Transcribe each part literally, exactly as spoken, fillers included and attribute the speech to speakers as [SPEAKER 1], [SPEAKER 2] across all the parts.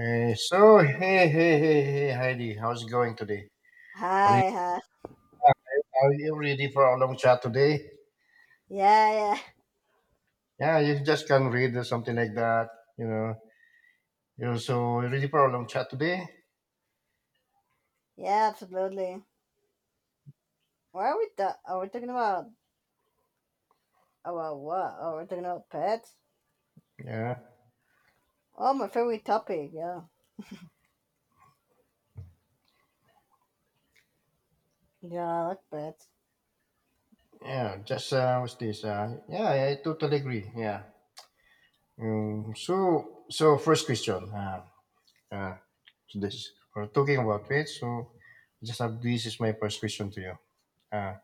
[SPEAKER 1] Uh, so, hey, hey, hey, hey, Heidi, how's it going today? Re-
[SPEAKER 2] Hi, hi.
[SPEAKER 1] Are you ready for a long chat today?
[SPEAKER 2] Yeah, yeah,
[SPEAKER 1] Yeah, you just can read or something like that, you know. You're so ready for a long chat today?
[SPEAKER 2] yeah. Absolutely. What are we? Ta- are we talking about? About what? Are we talking about pets?
[SPEAKER 1] Yeah,
[SPEAKER 2] Oh, my favorite topic. Yeah, yeah. I like pets.
[SPEAKER 1] yeah, just, uh, what's this? Uh, yeah, I totally agree, yeah. Um, so, so first question, uh, uh, to this, we're talking about weight, so just have, this is my first question to you. uh,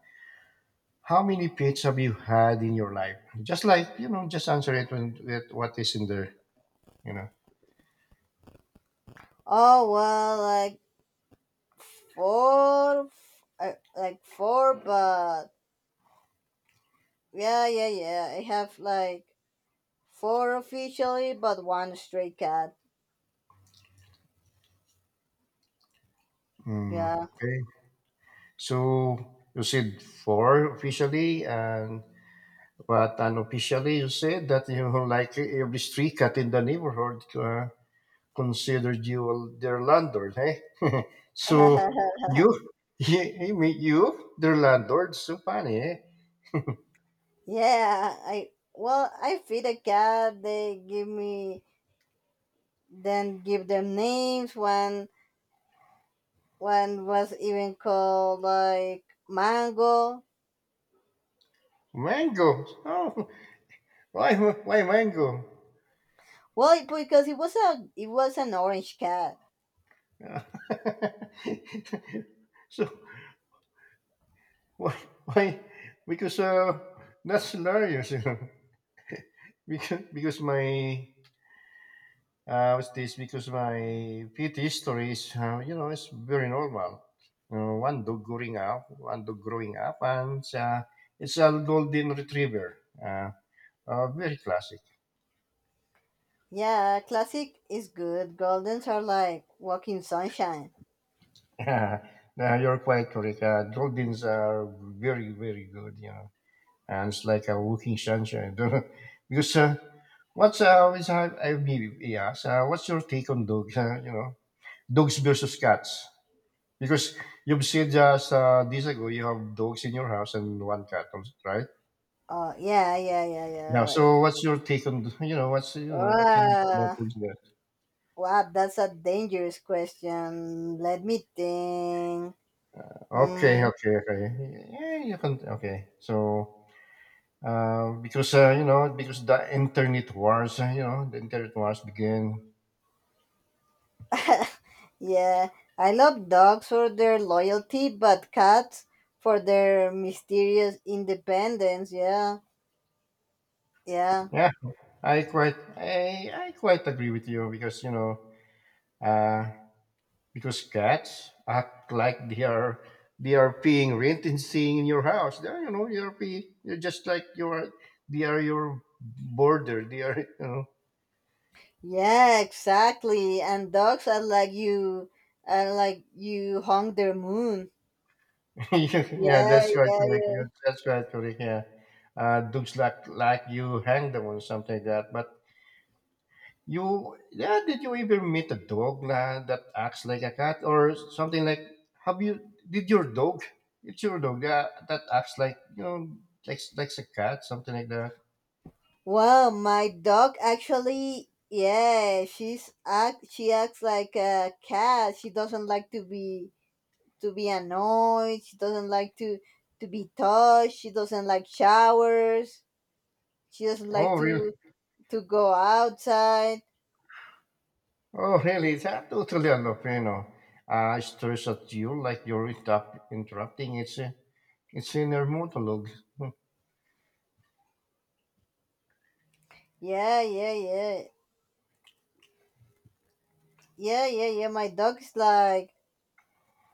[SPEAKER 1] How many pets have you had in your life? Just like you know, just answer it when with what is in there. You know.
[SPEAKER 2] Oh well, like four, uh, like four, but yeah, yeah, yeah. I have like four officially, but one stray cat.
[SPEAKER 1] Mm,
[SPEAKER 2] Yeah.
[SPEAKER 1] okay. So you said four officially, and but unofficially you said that you know, like every street cat in the neighborhood uh, considered you their landlord. Eh? so you, you, mean you, their landlord. So funny, eh?
[SPEAKER 2] Yeah. I well, I feed a cat. They give me then give them names. One one was even called like Mango.
[SPEAKER 1] Mango. Oh, why, why mango?
[SPEAKER 2] Well, because it was a it was an orange cat.
[SPEAKER 1] Yeah. so why why because uh that's hilarious you know because because my uh what's this because my P T history is uh, you know it's very normal, uh, one dog growing up one dog growing up and uh, it's a golden retriever, uh, uh very classic.
[SPEAKER 2] Yeah, classic is good. Goldens are like walking sunshine.
[SPEAKER 1] uh, you're quite correct, uh, goldens are very very good you know, and it's like a walking sunshine. Because uh, what's uh, always I, I mean, yes, uh, what's your take on dogs? Uh, you know, dogs versus cats. Because you've said just uh, days ago you have dogs in your house and one cat, right?
[SPEAKER 2] Oh yeah, yeah, yeah, yeah. It
[SPEAKER 1] Yeah.
[SPEAKER 2] was.
[SPEAKER 1] So what's your take on you know what's you know what can you say about
[SPEAKER 2] Uh,
[SPEAKER 1] dogs there?
[SPEAKER 2] wow, that's a dangerous question. Let me think. Hmm.
[SPEAKER 1] Okay, okay, okay. Yeah, you can. Okay, so uh, because uh, you know because the internet wars, uh, you know, the internet wars begin.
[SPEAKER 2] Yeah, I love dogs for their loyalty, but cats for their mysterious independence. Yeah, yeah,
[SPEAKER 1] Yeah, I quite I, I quite agree with you because you know uh, because cats act like they are they are paying rent and staying in your house. They are, you know you are pay, you are just like you are they are your border. They are you know.
[SPEAKER 2] yeah, exactly. And dogs are like you, are like you hung their moon.
[SPEAKER 1] Yeah
[SPEAKER 2] Yeah,
[SPEAKER 1] that's quite
[SPEAKER 2] yeah,
[SPEAKER 1] correct. Yeah,
[SPEAKER 2] yeah.
[SPEAKER 1] that's quite correct. Yeah, uh, dogs like like you hang them or something like that. But you, yeah, did you ever meet a dog la, that acts like a cat or something like? Have you? Did your dog? It's your dog yeah, that acts like you know, like like a cat, something like that.
[SPEAKER 2] Well, my dog actually, yeah, she's act. She acts like a cat. She doesn't like to be to be annoyed. She doesn't like to to be touched. She doesn't like showers. She doesn't like
[SPEAKER 1] Oh, really?
[SPEAKER 2] to to go outside.
[SPEAKER 1] Oh, really? Is that totally a lot, you know. Uh, stares at you like you're interrupt, interrupting. It's a, it's inner monologue.
[SPEAKER 2] Yeah, yeah, yeah. Yeah, yeah, yeah. My dog is like,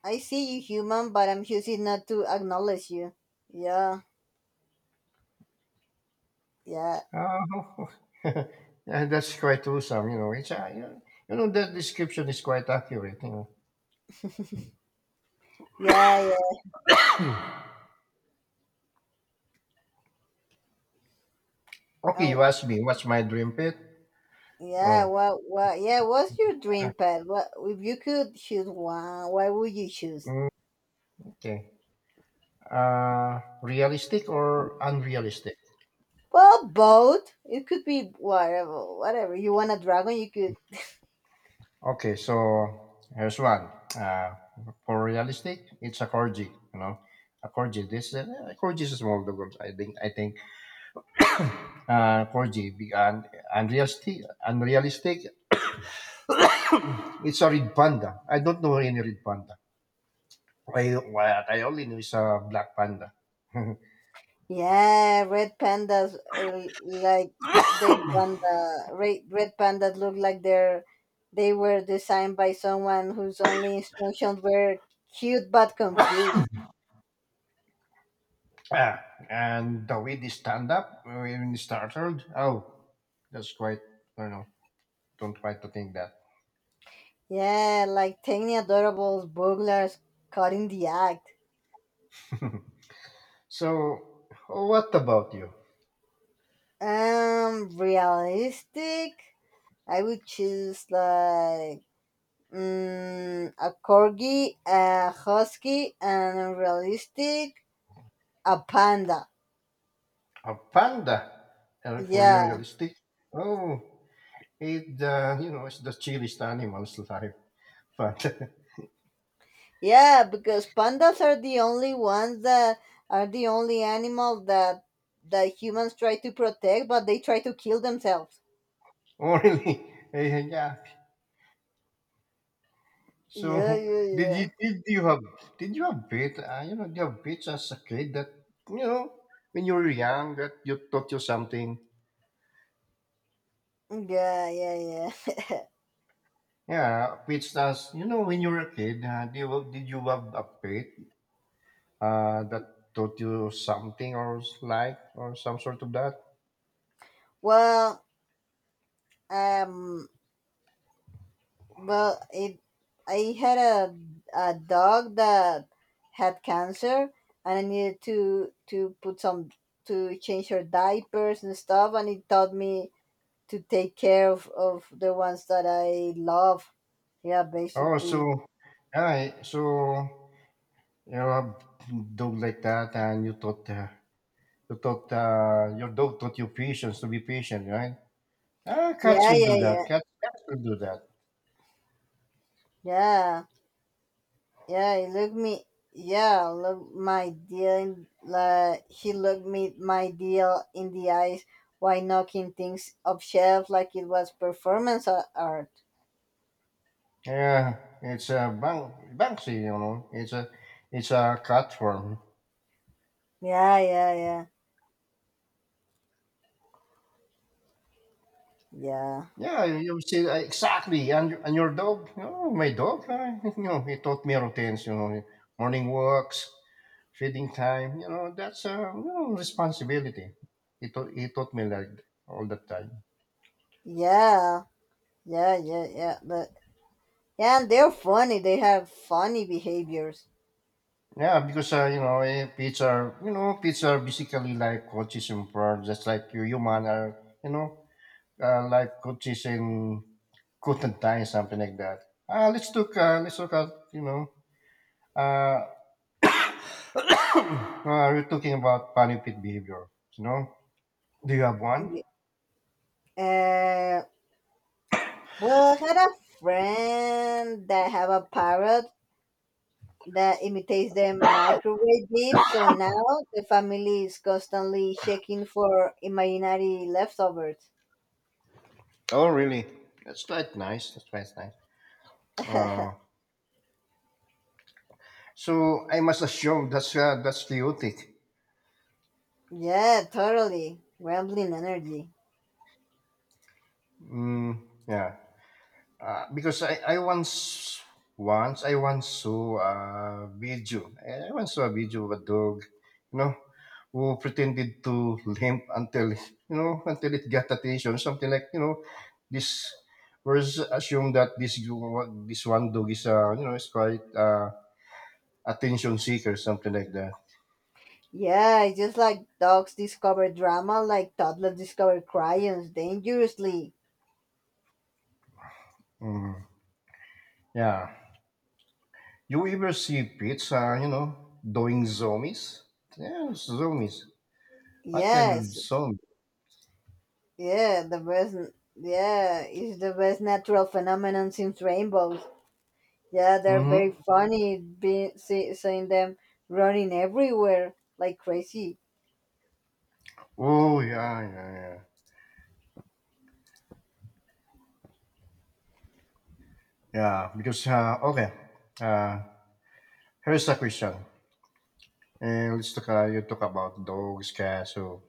[SPEAKER 2] I see you human, but I'm choosing not to acknowledge you. Yeah, yeah,
[SPEAKER 1] Oh, yeah, that's quite awesome. You know, it's a, you know, you know that description is quite accurate. You know.
[SPEAKER 2] yeah, yeah.
[SPEAKER 1] Okay, you
[SPEAKER 2] Oh,
[SPEAKER 1] asked me what's my dream pet.
[SPEAKER 2] yeah,
[SPEAKER 1] Oh.
[SPEAKER 2] what, what, yeah, what's your dream pet? What, if you could choose one, why would you choose?
[SPEAKER 1] Mm, okay. Uh, realistic or unrealistic?
[SPEAKER 2] Well, both. It could be whatever, whatever. You want a dragon, you could.
[SPEAKER 1] Okay, so here's one. Uh, for realistic, it's a corgi. You know, a corgi. This uh, corgi is a small dog. I think. I think. Uh, corgi. be- un- Unrealistic. Unrealistic. It's a red panda. I don't know any red panda. I what I only know is a black panda.
[SPEAKER 2] Yeah, red pandas uh, like they panda red red pandas look like they're they were designed by someone whose only instructions were cute but confused.
[SPEAKER 1] Ah, and the way they stand up when they startled, oh, that's quite, I don't know, don't try to think that.
[SPEAKER 2] Yeah, like tiny adorable burglars caught in the act.
[SPEAKER 1] So, what about you?
[SPEAKER 2] Um, realistic. I would choose like mm, a corgi, a husky, and realistic a panda.
[SPEAKER 1] A panda? And for you,
[SPEAKER 2] Yeah.
[SPEAKER 1] realistic? Oh, it uh, you know it's the chilliest animal's life. But
[SPEAKER 2] Yeah, because pandas are the only ones that are the only animal that that humans try to protect, but they try to kill themselves.
[SPEAKER 1] oh really? Eh, yeah.
[SPEAKER 2] Yeah,
[SPEAKER 1] So
[SPEAKER 2] yeah,
[SPEAKER 1] did you
[SPEAKER 2] yeah,
[SPEAKER 1] did you have did you have bit uh, you know did you have bits as a kid that you know when you were young that you taught you something?
[SPEAKER 2] yeah, yeah, yeah.
[SPEAKER 1] Yeah, bits as you know when you were a kid. Uh, did you did you have a pet uh, that taught you something or s- like or some sort of that?
[SPEAKER 2] Well, um, well, it. I had a a dog that had cancer, and I needed to to put some to change her diapers and stuff, and it taught me to take care of of the ones that I love. Yeah,
[SPEAKER 1] Oh,
[SPEAKER 2] basically.
[SPEAKER 1] so yeah, so you have dog like that, and you taught uh, you taught uh, your dog taught you patience to be patient, right? Ah, cats
[SPEAKER 2] Yeah,
[SPEAKER 1] will
[SPEAKER 2] yeah,
[SPEAKER 1] do
[SPEAKER 2] yeah,
[SPEAKER 1] that. Cats, cats will do that.
[SPEAKER 2] yeah, yeah. He looked me. Yeah, look my deal. In, like he looked me my deal in the eyes while knocking things off shelf like it was performance a- art.
[SPEAKER 1] Yeah, it's a bank, Banksy, you know. It's a it's a cat form.
[SPEAKER 2] Yeah, yeah, yeah, yeah,
[SPEAKER 1] Yeah, you see, uh, exactly. And, your- and your dog? Oh, my dog, uh, you know, he taught me routines, you know, morning walks, feeding time, you know, that's a you know, responsibility. He, taught he taught me like all the time.
[SPEAKER 2] yeah, yeah, yeah, yeah. But, yeah, and they're funny. They have funny behaviors.
[SPEAKER 1] Yeah, because, uh, you know, eh, pets are, you know, pets are basically like coaches in prayer, just like you human are, you know, uh, like coaches in content time, something like that. Uh, let's look, uh, let's look at, you know, uh, Uh, we're talking about funny fit behavior. You know, do you have
[SPEAKER 2] Uh,
[SPEAKER 1] one?
[SPEAKER 2] well, I had a friend that have a parrot that imitates the microwave beep. So now the family is constantly checking for imaginary leftovers.
[SPEAKER 1] Oh, really? That's quite nice. That's quite nice. Uh, so I must assume that's uh, that's chaotic.
[SPEAKER 2] Yeah, totally. Rambling energy.
[SPEAKER 1] Mm, yeah. Uh, because I, I once once I once saw a video. I once saw a video of a dog, you know, who pretended to limp until you know until it got attention. Something like you know, this. Whereas assume that this this one dog is uh, you know is quite uh, attention seeker, something like that.
[SPEAKER 2] Yeah, it's just like dogs discover drama, like toddlers discover crayons dangerously.
[SPEAKER 1] Mm. Yeah. You ever see pets, uh, you know, doing zombies? Yeah, zombies. What kind of
[SPEAKER 2] Yes,
[SPEAKER 1] zombie?
[SPEAKER 2] yeah, the best, yeah, it's the best natural phenomenon since rainbows. Yeah, they're very
[SPEAKER 1] Mm-hmm.
[SPEAKER 2] funny, be, see, seeing them running everywhere like crazy.
[SPEAKER 1] Oh yeah, yeah, yeah, yeah. Because uh, okay, uh, here's a question, and let's talk. Uh, you talk about dogs, cats. So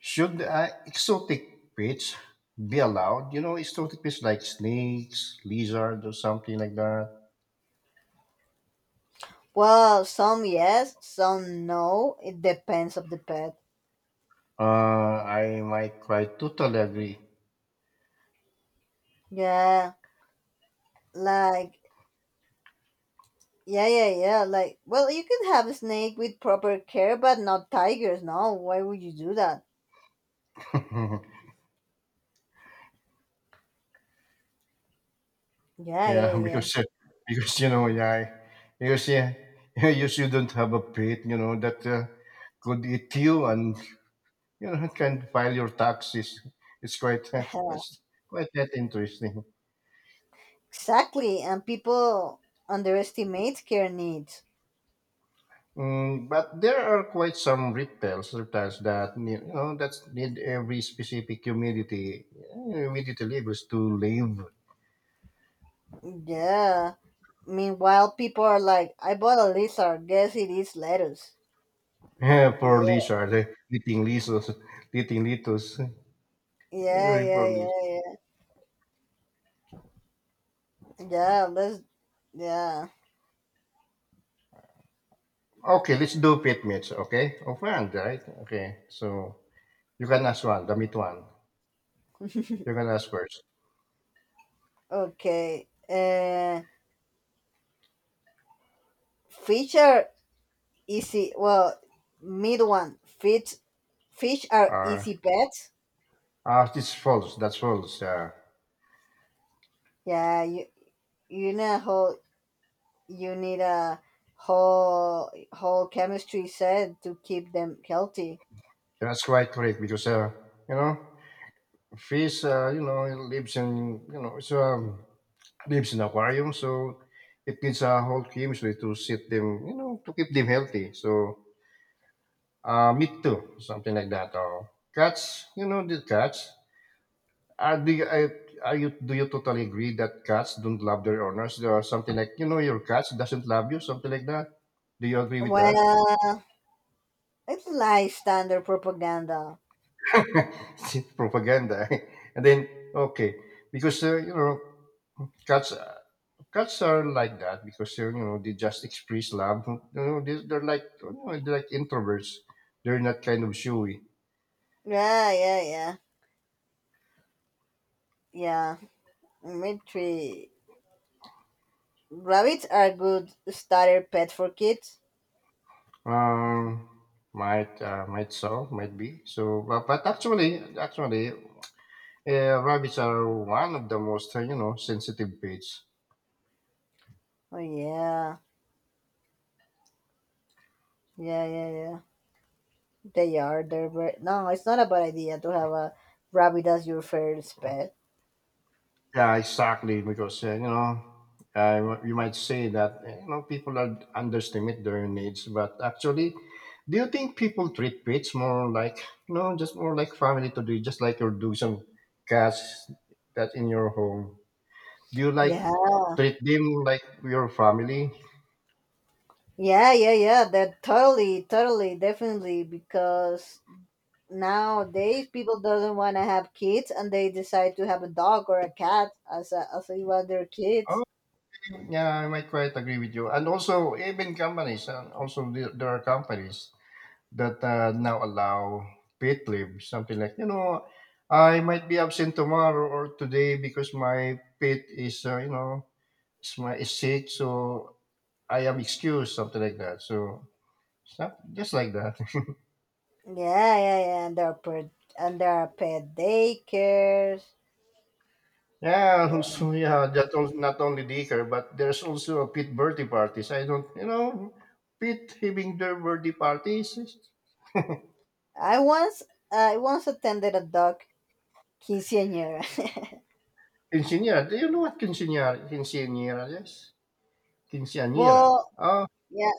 [SPEAKER 1] should uh, exotic pets be allowed? You know, exotic pets like snakes, lizard, or something like that.
[SPEAKER 2] Well, some yes, some no. It depends of the pet.
[SPEAKER 1] Uh, I might quite totally agree.
[SPEAKER 2] Yeah, like yeah, yeah, yeah. Like well, you can have a snake with proper care, but not tigers. No, why would you do that? Yeah, yeah,
[SPEAKER 1] Yeah,
[SPEAKER 2] yeah.
[SPEAKER 1] because uh, because you know, yeah, because yeah, you shouldn't have a pet. You know that uh, could eat you and you know, can file your taxes. It's quite it's quite that interesting.
[SPEAKER 2] Exactly, and people underestimate care needs.
[SPEAKER 1] Mm, but there are quite some reptiles, reptiles that need, you know that need every specific humidity uh, humidity levels to live.
[SPEAKER 2] Yeah. Meanwhile, people are like, "I bought a lizard. Guess it is lettuce." Yeah,
[SPEAKER 1] For lizard, eh, eating lizards, eating litos.
[SPEAKER 2] yeah,
[SPEAKER 1] Very
[SPEAKER 2] yeah,
[SPEAKER 1] poor
[SPEAKER 2] yeah,
[SPEAKER 1] lizard.
[SPEAKER 2] yeah. Yeah, let's. Yeah.
[SPEAKER 1] Okay, let's do pet meats. Okay, of one, right? Okay, so you can ask one, the meat one. You can ask first.
[SPEAKER 2] Okay. Uh. Fish are easy. Well, mid one. Fish fish are
[SPEAKER 1] Uh,
[SPEAKER 2] easy pets.
[SPEAKER 1] ah, this false. That's false. Uh,
[SPEAKER 2] Yeah, you you need a whole you need a whole whole chemistry set to keep them healthy.
[SPEAKER 1] That's quite correct because uh, you know fish uh, you know it lives in you know it's um, lives in aquarium so it needs a whole chemistry to sit them you know to keep them healthy so uh, meat too something like that, or cats you know the cats are do you, I- are you do you totally agree that cats don't love their owners? There are something like you know your cats doesn't love you something like that, do you agree with that?
[SPEAKER 2] Well, it's like standard propaganda.
[SPEAKER 1] Propaganda. And then okay, because uh, you know cats Cats are like that because they're you know they just express love. You know they, they're like you know, they're like introverts. They're not kind of showy.
[SPEAKER 2] Yeah, yeah, yeah, yeah. Mitri, rabbits are good starter pet for kids.
[SPEAKER 1] Um, might uh, might so might be so. But, but actually, actually, uh, rabbits are one of the most uh, you know sensitive pets.
[SPEAKER 2] Oh yeah, yeah, yeah, yeah. They are. They're very, no. It's not a bad idea to have a rabbit as your first pet.
[SPEAKER 1] Yeah, exactly. Because uh, you know, uh, you might say that eh, you know people are underestimate their needs, but actually, do you think people treat pets more like you know just more like family to do, just like you're doing some cats that in your home? Do you like
[SPEAKER 2] Yeah,
[SPEAKER 1] treat them like your family?
[SPEAKER 2] yeah, yeah, yeah. That totally, totally, definitely. Because nowadays people doesn't want to have kids, and they decide to have a dog or a cat as a, as a, one of their
[SPEAKER 1] Oh,
[SPEAKER 2] kids.
[SPEAKER 1] yeah, I might quite agree with you. And also, even companies, and also the, there are companies that uh, now allow paid leave, something like, you know, I might be absent tomorrow or today because my pet is, uh, you know, is, my, is sick, so I am excused, something like that. So, stuff, just like that.
[SPEAKER 2] Yeah, yeah, yeah. And there are per, and there are pet daycares.
[SPEAKER 1] Yeah,
[SPEAKER 2] Yeah,
[SPEAKER 1] also, yeah, that also, not only liquor, but there's also a pit birthday parties. I don't, you know, pit having their birthday parties. Is-
[SPEAKER 2] I once I once attended a dog quinceañera.
[SPEAKER 1] Quinceañera, do you know what quinceañera, quinceañera is? Quinceañera.
[SPEAKER 2] Well,
[SPEAKER 1] Oh,
[SPEAKER 2] yeah.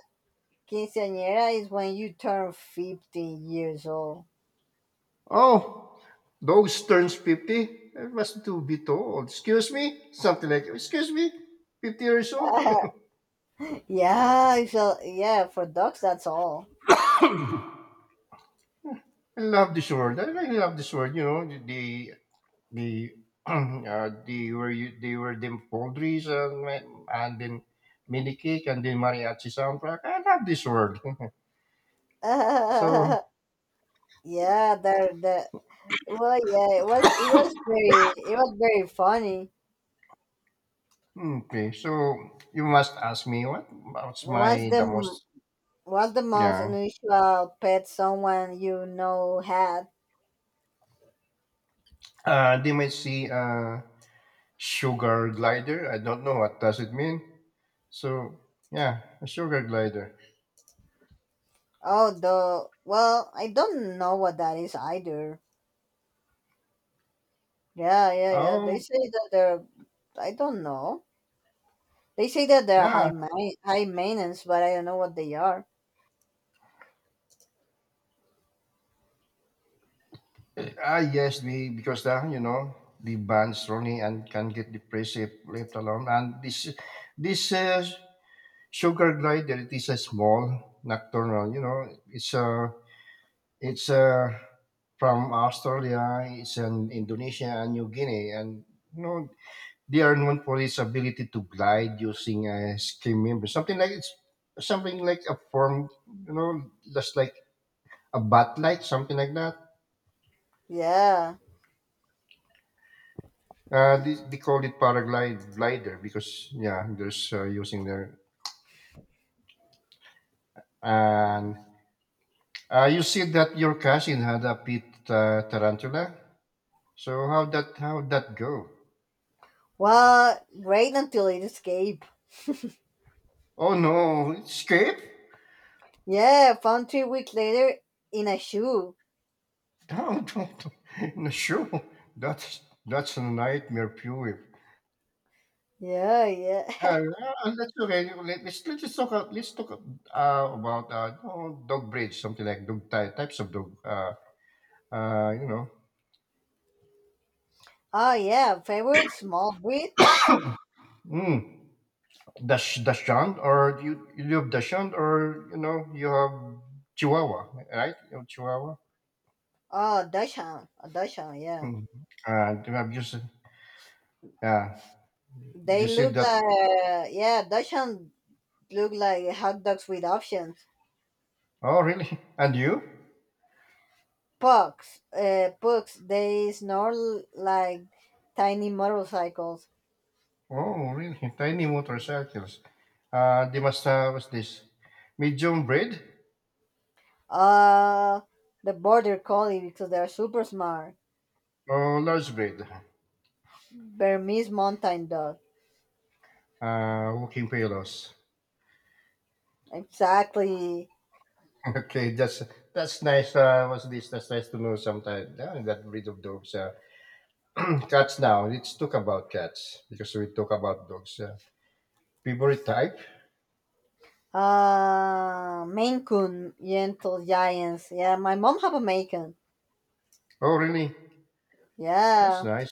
[SPEAKER 2] Quinceañera is when you turn fifteen years old.
[SPEAKER 1] oh, those turns fifty I must to be told. Excuse me? Something like, excuse me? fifty years old?
[SPEAKER 2] Yeah, so yeah, for dogs that's all.
[SPEAKER 1] I love this word. I really love this word. You know, the, the, uh, they were, u- they were the poultries and, and then mini cake and then mariachi soundtrack. I love this word. So,
[SPEAKER 2] Yeah, there the well yeah, it was it was very it was very funny.
[SPEAKER 1] okay. So you must ask me what, what's
[SPEAKER 2] What's
[SPEAKER 1] my,
[SPEAKER 2] the
[SPEAKER 1] the
[SPEAKER 2] m-
[SPEAKER 1] most,
[SPEAKER 2] what's the most
[SPEAKER 1] yeah.
[SPEAKER 2] unusual pet someone you know had?
[SPEAKER 1] Uh, they might see, uh. Sugar glider? I don't know what does it mean. So yeah, a sugar glider.
[SPEAKER 2] Oh, the well, I don't know what that is either. Yeah, yeah, yeah.
[SPEAKER 1] Oh
[SPEAKER 2] They say that they're I don't know. They say that they're high
[SPEAKER 1] yeah.
[SPEAKER 2] ma- high maintenance, but I don't know what they are.
[SPEAKER 1] Ah yes, the because the you know the bands Ronnie and can get depressive left alone. And this this uh, sugar glider it is a small nocturnal. You know it's a it's a from Australia, it's in Indonesia and New Guinea, and you know they are known for its ability to glide using a skin member, something like it's something like a form, you know, just like a bat light, something like that.
[SPEAKER 2] Yeah.
[SPEAKER 1] Uh, they, they call it paraglide glider because yeah, there's uh, using there. And uh, you said that your cousin had a pit uh, tarantula. So how that how that go?
[SPEAKER 2] Well, great until it escaped.
[SPEAKER 1] Oh no, it escaped?
[SPEAKER 2] Yeah, found three weeks later in a shoe.
[SPEAKER 1] No, don't. don't. No, sure. That's that's a nightmare fuel.
[SPEAKER 2] Yeah, yeah.
[SPEAKER 1] Ah, yeah, and that's okay. Let- Let's let's just talk. a- Let's talk uh, about uh, oh, dog breeds, something like dog ty- types of dog. Uh, uh, you know,
[SPEAKER 2] Oh yeah, favorite small breed?
[SPEAKER 1] mm, Dash Dachshund, or do you you have Dachshund, or you know you have Chihuahua, right? You have Chihuahua.
[SPEAKER 2] Oh, Dachshund. A Dachshund, yeah.
[SPEAKER 1] Hmm. Uh, do you have just, yeah? You
[SPEAKER 2] They
[SPEAKER 1] see
[SPEAKER 2] look
[SPEAKER 1] that?
[SPEAKER 2] like yeah, Dachshund look like hot dogs with options.
[SPEAKER 1] Oh, really? And you?
[SPEAKER 2] Pugs, uh, pugs. They snore like tiny motorcycles.
[SPEAKER 1] Oh, really? Tiny motorcycles. Uh, they must have, what's this? Medium breed
[SPEAKER 2] Uh, the border collie because they're super smart.
[SPEAKER 1] or large breed?
[SPEAKER 2] Burmese mountain dog.
[SPEAKER 1] Uh, Walking Pillows.
[SPEAKER 2] Exactly.
[SPEAKER 1] Okay, that's that's nice. Uh, what's this? That's nice to know. Sometimes, yeah, that breed of dogs. Uh, cats now. Let's talk about cats because we talk about dogs. Uh, favorite type?
[SPEAKER 2] Uh, Maine Coon, Yentl Giants. Yeah, my mom have a Maine Coon.
[SPEAKER 1] Oh, really? That's
[SPEAKER 2] Yeah.
[SPEAKER 1] nice.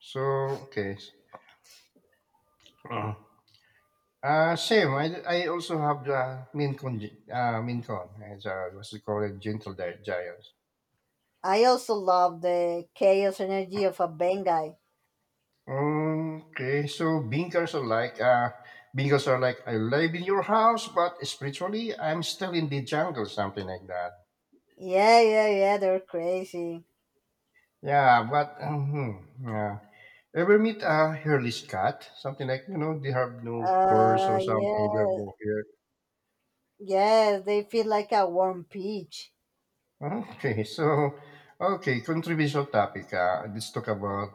[SPEAKER 1] So okay. Uh, uh, Same. I, I also have the Maine Coon. G- Uh, Maine Coon. As, uh, what's it called? Gentle Di- Giant.
[SPEAKER 2] I also love the chaos energy of a Bengai.
[SPEAKER 1] Okay, so bingers are like uh, bingers are like, I live in your house, but spiritually I'm still in the jungle, something like that.
[SPEAKER 2] Yeah, yeah, yeah, they're crazy.
[SPEAKER 1] Yeah, but mhm, yeah. Ever meet a hairless cat? Something like, you know, they have no furs or
[SPEAKER 2] Uh,
[SPEAKER 1] something, they have
[SPEAKER 2] yeah,
[SPEAKER 1] no hair.
[SPEAKER 2] yeah, they feel like a warm peach.
[SPEAKER 1] Okay, so okay, controversial topic. Uh, let's talk about,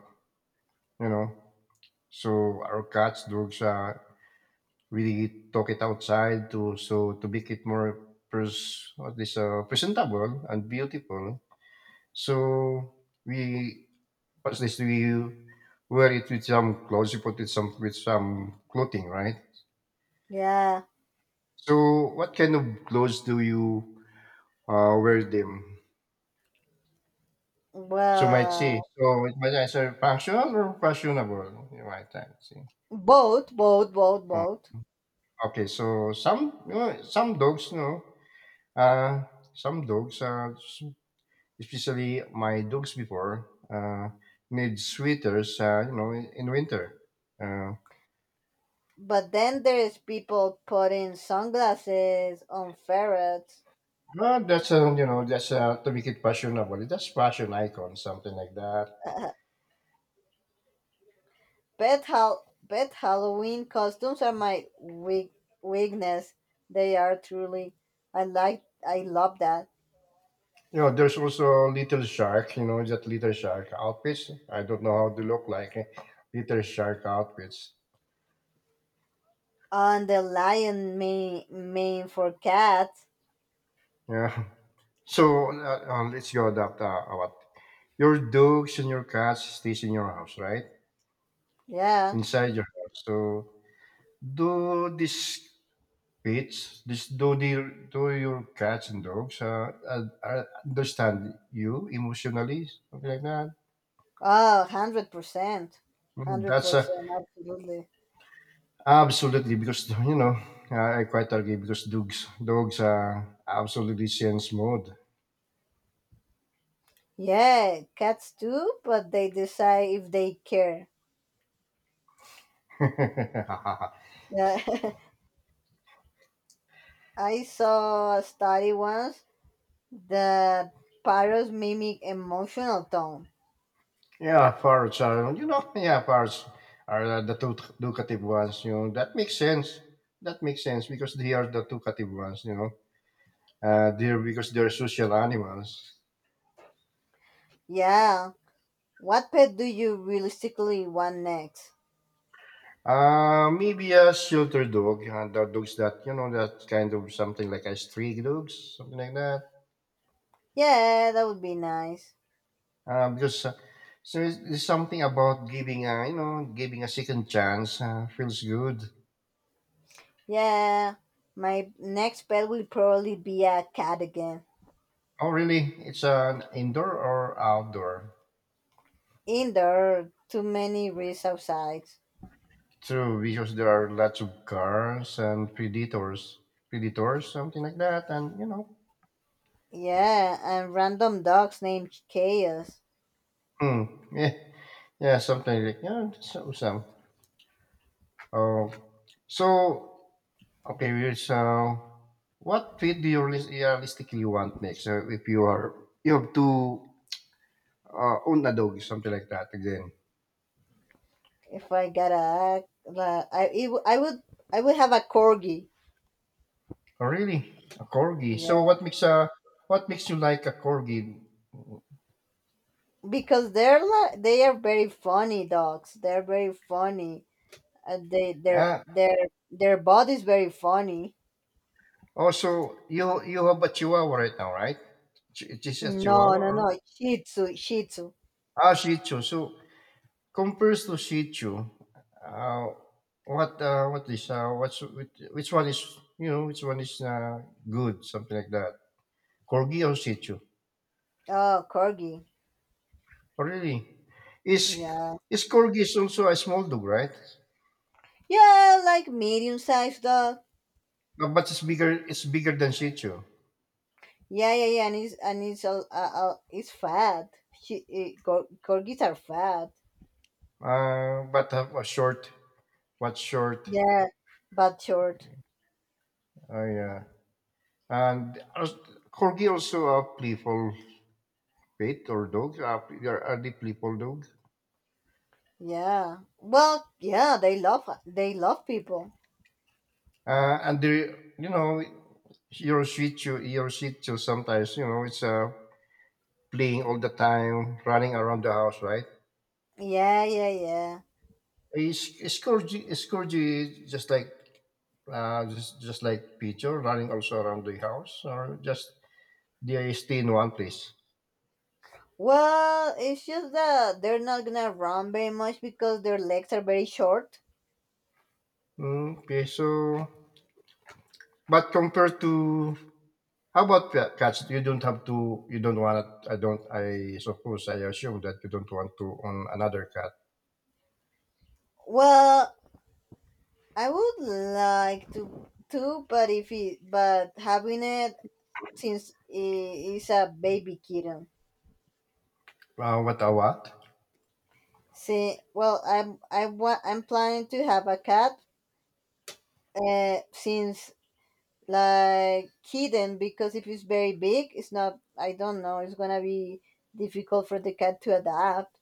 [SPEAKER 1] you know so our cats, dogs. Uh, We talk it outside to, so, to make it more pres- what this, uh, presentable and beautiful. So we, what's this, we wear it with some clothes. You put it some with some clothing, right?
[SPEAKER 2] Yeah,
[SPEAKER 1] So what kind of clothes do you uh, wear them? So might see.
[SPEAKER 2] well,
[SPEAKER 1] So it might answer functional or fashionable. You might type, see.
[SPEAKER 2] both, both, both,
[SPEAKER 1] Mm.
[SPEAKER 2] both.
[SPEAKER 1] Okay, so some, you know, some dogs, no, uh, some dogs uh, especially my dogs before uh, need sweaters, uh, you know in, in winter, uh,
[SPEAKER 2] But then there's people putting sunglasses on ferrets.
[SPEAKER 1] well, that's a you know that's a, to make it fashionable. That's fashion icon, something like that.
[SPEAKER 2] Uh, pet, hal- Pet Halloween costumes are my weak- weakness. They are truly. I like. I love that.
[SPEAKER 1] You know, there's also little shark, you know that little shark outfits. I don't know how they look like, eh, little shark outfits,
[SPEAKER 2] And the lion mane, mane for cats.
[SPEAKER 1] yeah. So uh, uh, let's go adapt, uh, what, your dogs and your cats stays in your house, right?
[SPEAKER 2] Yeah.
[SPEAKER 1] Inside your house. So do this pets, just do their, do your cats and dogs, uh, uh, uh, understand you emotionally, something like that.
[SPEAKER 2] Oh, one hundred percent.
[SPEAKER 1] Mm, That's uh,
[SPEAKER 2] one hundred percent. Absolutely.
[SPEAKER 1] absolutely, because, you know, I I quite argue because dogs dogs are absolutely sense mode.
[SPEAKER 2] Yeah, cats too, but they decide if they care. Yeah. I saw a study once. The parrots mimic emotional tone.
[SPEAKER 1] Yeah, parrots are you know yeah parrots are uh, the two talkative ones. You know, that makes sense. That makes sense because they are the talkative ones. You know, uh, they're, because they're social animals.
[SPEAKER 2] Yeah. What pet do you realistically want next?
[SPEAKER 1] Uh, maybe a shelter dog, uh, the dogs that, you know that kind of, something like a stray dogs, something like that.
[SPEAKER 2] Yeah, that would be nice.
[SPEAKER 1] Uh, because, uh, so it's, it's something about giving a, you know giving a second chance, uh, feels good.
[SPEAKER 2] Yeah. My next pet will probably be a cat again.
[SPEAKER 1] Oh, really? It's an indoor or outdoor?
[SPEAKER 2] Indoor, too many risks outside.
[SPEAKER 1] True, because there are lots of cars and predators, predators, something like that, and you know,
[SPEAKER 2] Yeah, and random dogs named Chaos.
[SPEAKER 1] hmm, yeah, yeah, something like yeah, so some. Oh, so. Okay, well, so what pet do you realis- realistically want next? So, if you are you have to uh, own a dog, something like that again.
[SPEAKER 2] If I gotta act, like, I, it, w- I would I would have a corgi.
[SPEAKER 1] Oh, really? A corgi.
[SPEAKER 2] Yeah,
[SPEAKER 1] So what makes a, what makes you like a corgi?
[SPEAKER 2] because they're like they are very funny dogs. They're very funny. Uh, they their
[SPEAKER 1] Uh,
[SPEAKER 2] their their body's very funny.
[SPEAKER 1] Also, you you have a Chihuahua right now, right? Ch- It is a
[SPEAKER 2] No,
[SPEAKER 1] Chihuahua,
[SPEAKER 2] no, no.
[SPEAKER 1] or
[SPEAKER 2] Shih Tzu, Shih Tzu.
[SPEAKER 1] ah Shih Tzu. So compares to Shih Tzu, uh, what uh, what is uh, what's which, which one is, you know which one is, uh, good, something like that? Corgi or Shih Tzu?
[SPEAKER 2] Oh, corgi.
[SPEAKER 1] Oh, really? Is
[SPEAKER 2] Yeah,
[SPEAKER 1] is Corgi is also a small dog, right?
[SPEAKER 2] yeah, like medium-sized dog.
[SPEAKER 1] Uh, But it's bigger. It's bigger than Shih Tzu.
[SPEAKER 2] Yeah, yeah, yeah, and it's and it's uh, uh, it's fat. She, it, cor- corgis are fat.
[SPEAKER 1] Uh, but have a short. What short?
[SPEAKER 2] Yeah, but short.
[SPEAKER 1] Uh, yeah. And as- Corgi also a playful pet or dog. Uh, they are are they playful dog?
[SPEAKER 2] Yeah. Well, yeah, they love they love people.
[SPEAKER 1] Uh, and they, you know, your Shih Tzu, your Shih Tzu sometimes, you know, it's uh, playing all the time, running around the house, right?
[SPEAKER 2] Yeah, yeah, yeah.
[SPEAKER 1] Is is Corgi is Corgi just like, Uh, just just like picture running also around the house, or just they stay in one place.
[SPEAKER 2] Well, it's just that they're not gonna run very much because their legs are very short.
[SPEAKER 1] Mm, okay, so, but compared to, how about ca- cats? You don't have to. You don't want. I don't. I suppose. I assume that you don't want to own another cat.
[SPEAKER 2] Well, I would like to too, but if it but having it since it is a baby kitten.
[SPEAKER 1] Uh, what a what?
[SPEAKER 2] See, well, I'm I want I'm planning to have a cat. Uh, since like kitten because if it's very big, it's not. I don't know. It's gonna be difficult for the cat to adapt.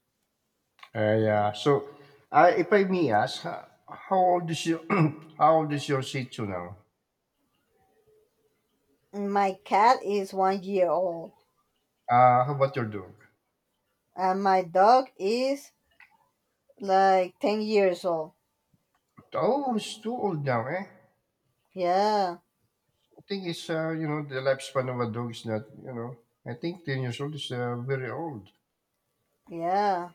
[SPEAKER 1] Uh, yeah. So, uh, if I may ask, ho- how old is your how old is your Shih Tzu now?
[SPEAKER 2] My cat is one year old,
[SPEAKER 1] Uh, how about your dog?
[SPEAKER 2] and my dog is like ten years old.
[SPEAKER 1] Oh, it's too old now, eh?
[SPEAKER 2] Yeah,
[SPEAKER 1] Thing is, uh, you know, the lifespan of a dog is not, you know, I think ten years old is uh, very old.
[SPEAKER 2] yeah.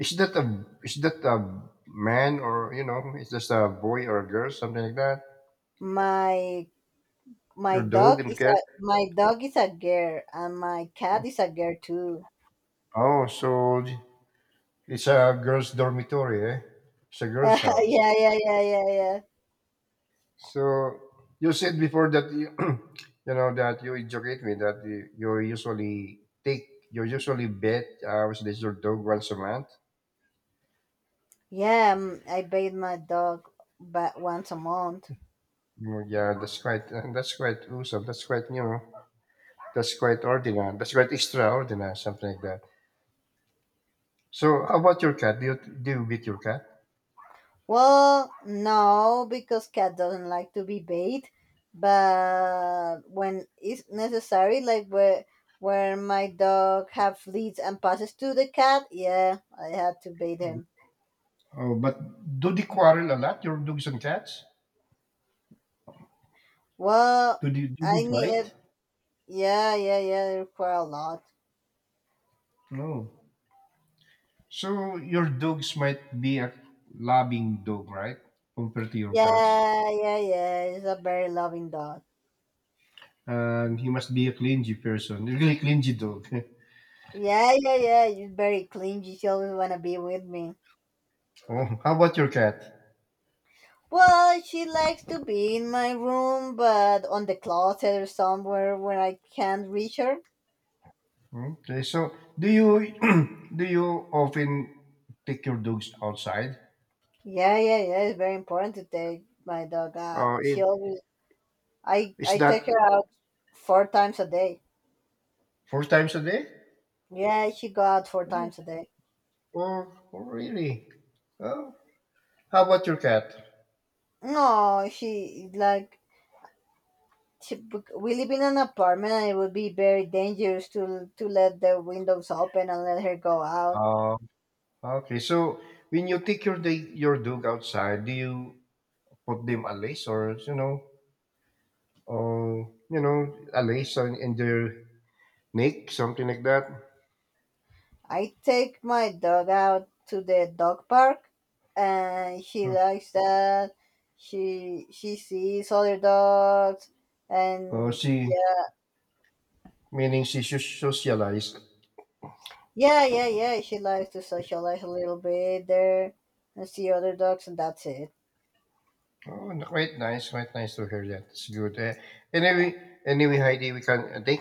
[SPEAKER 1] Is that a is that a man, or, you know, is just a boy or a girl, something like that?
[SPEAKER 2] My My
[SPEAKER 1] Your
[SPEAKER 2] dog
[SPEAKER 1] dog and
[SPEAKER 2] is
[SPEAKER 1] cat.
[SPEAKER 2] a my dog is a girl, and my cat is a girl too.
[SPEAKER 1] Oh, so it's a girl's dormitory, eh? It's a girl's
[SPEAKER 2] Yeah,
[SPEAKER 1] house.
[SPEAKER 2] yeah, yeah, yeah, yeah.
[SPEAKER 1] So you said before that you, you know that you educate me that you, you usually take, you usually bet, uh, was this your dog once a month.
[SPEAKER 2] Yeah, um, I bathe my dog, but once a month.
[SPEAKER 1] Oh, yeah, that's quite that's quite awesome. That's quite, you know, that's quite ordinary. That's quite extraordinary, something like that. So, how about your cat? Do you do you beat your cat?
[SPEAKER 2] Well, no, because cat doesn't like to be bathed. But when it's necessary, like where where my dog have fleas and passes to the cat, yeah, I had to bathe him.
[SPEAKER 1] Oh, but do they quarrel a lot? Your dogs and cats?
[SPEAKER 2] Well,
[SPEAKER 1] Do they do they
[SPEAKER 2] I need.
[SPEAKER 1] fight?
[SPEAKER 2] Yeah, yeah, yeah. They require a lot.
[SPEAKER 1] No. So your dogs might be a loving dog, right? Compared to your cats,
[SPEAKER 2] Yeah, yeah, yeah. It's a very loving dog.
[SPEAKER 1] and he must be a clingy person, a really clingy dog.
[SPEAKER 2] Yeah, yeah, yeah. She's very clean. She always wanna be with me.
[SPEAKER 1] Oh, how about your cat?
[SPEAKER 2] Well, she likes to be in my room, but on the closet or somewhere where I can't reach her.
[SPEAKER 1] Okay, so do you do you often take your dogs outside?
[SPEAKER 2] Yeah, yeah, yeah. It's very important to take my dog
[SPEAKER 1] Uh,
[SPEAKER 2] out.
[SPEAKER 1] it
[SPEAKER 2] She always, I,
[SPEAKER 1] is
[SPEAKER 2] I
[SPEAKER 1] that
[SPEAKER 2] take her out four times a day.
[SPEAKER 1] four times a day?
[SPEAKER 2] Yeah, she go out four
[SPEAKER 1] Oh,
[SPEAKER 2] times a day.
[SPEAKER 1] oh, oh, really? Oh, how about your cat?
[SPEAKER 2] No, she like typ- we live in an apartment and it would be very dangerous to to let the windows open and let her go out.
[SPEAKER 1] Uh, okay, so when you take your day, your dog outside, do you put them a lace, or, you know, or you know, a lace on in their neck, something like that?
[SPEAKER 2] I take my dog out to the dog park and she
[SPEAKER 1] Hmm.
[SPEAKER 2] likes that. She she sees other dogs
[SPEAKER 1] Oh,
[SPEAKER 2] and
[SPEAKER 1] she,
[SPEAKER 2] yeah
[SPEAKER 1] meaning she should socialize.
[SPEAKER 2] yeah yeah yeah she likes to socialize a little bit there and see other dogs and that's it.
[SPEAKER 1] Oh, no, quite nice, quite nice to hear that. It's good. Eh, anyway, anyway, Heidi, we can. I think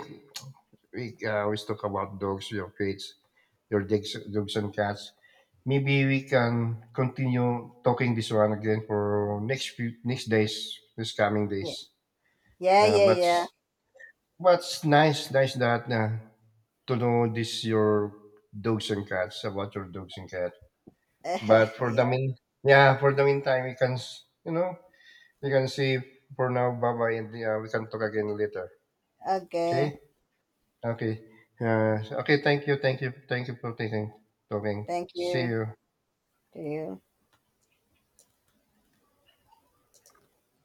[SPEAKER 1] we uh, always talk about dogs, your pets, your dogs, dogs and cats. Maybe we can continue talking this one again for next few next days, this coming days.
[SPEAKER 2] Yeah yeah
[SPEAKER 1] Uh,
[SPEAKER 2] yeah
[SPEAKER 1] but
[SPEAKER 2] yeah
[SPEAKER 1] what's nice, nice that uh, to know this your dogs and cats about your dogs and cats. But for the
[SPEAKER 2] yeah.
[SPEAKER 1] mean, yeah, for the meantime, we can s- you know you can see for now. Bye bye, and uh, we can talk again later. Okay.
[SPEAKER 2] Okay.
[SPEAKER 1] Okay. Uh, okay. Thank you. Thank you. Thank you for taking talking.
[SPEAKER 2] Thank
[SPEAKER 1] See
[SPEAKER 2] you
[SPEAKER 1] you.
[SPEAKER 2] to you.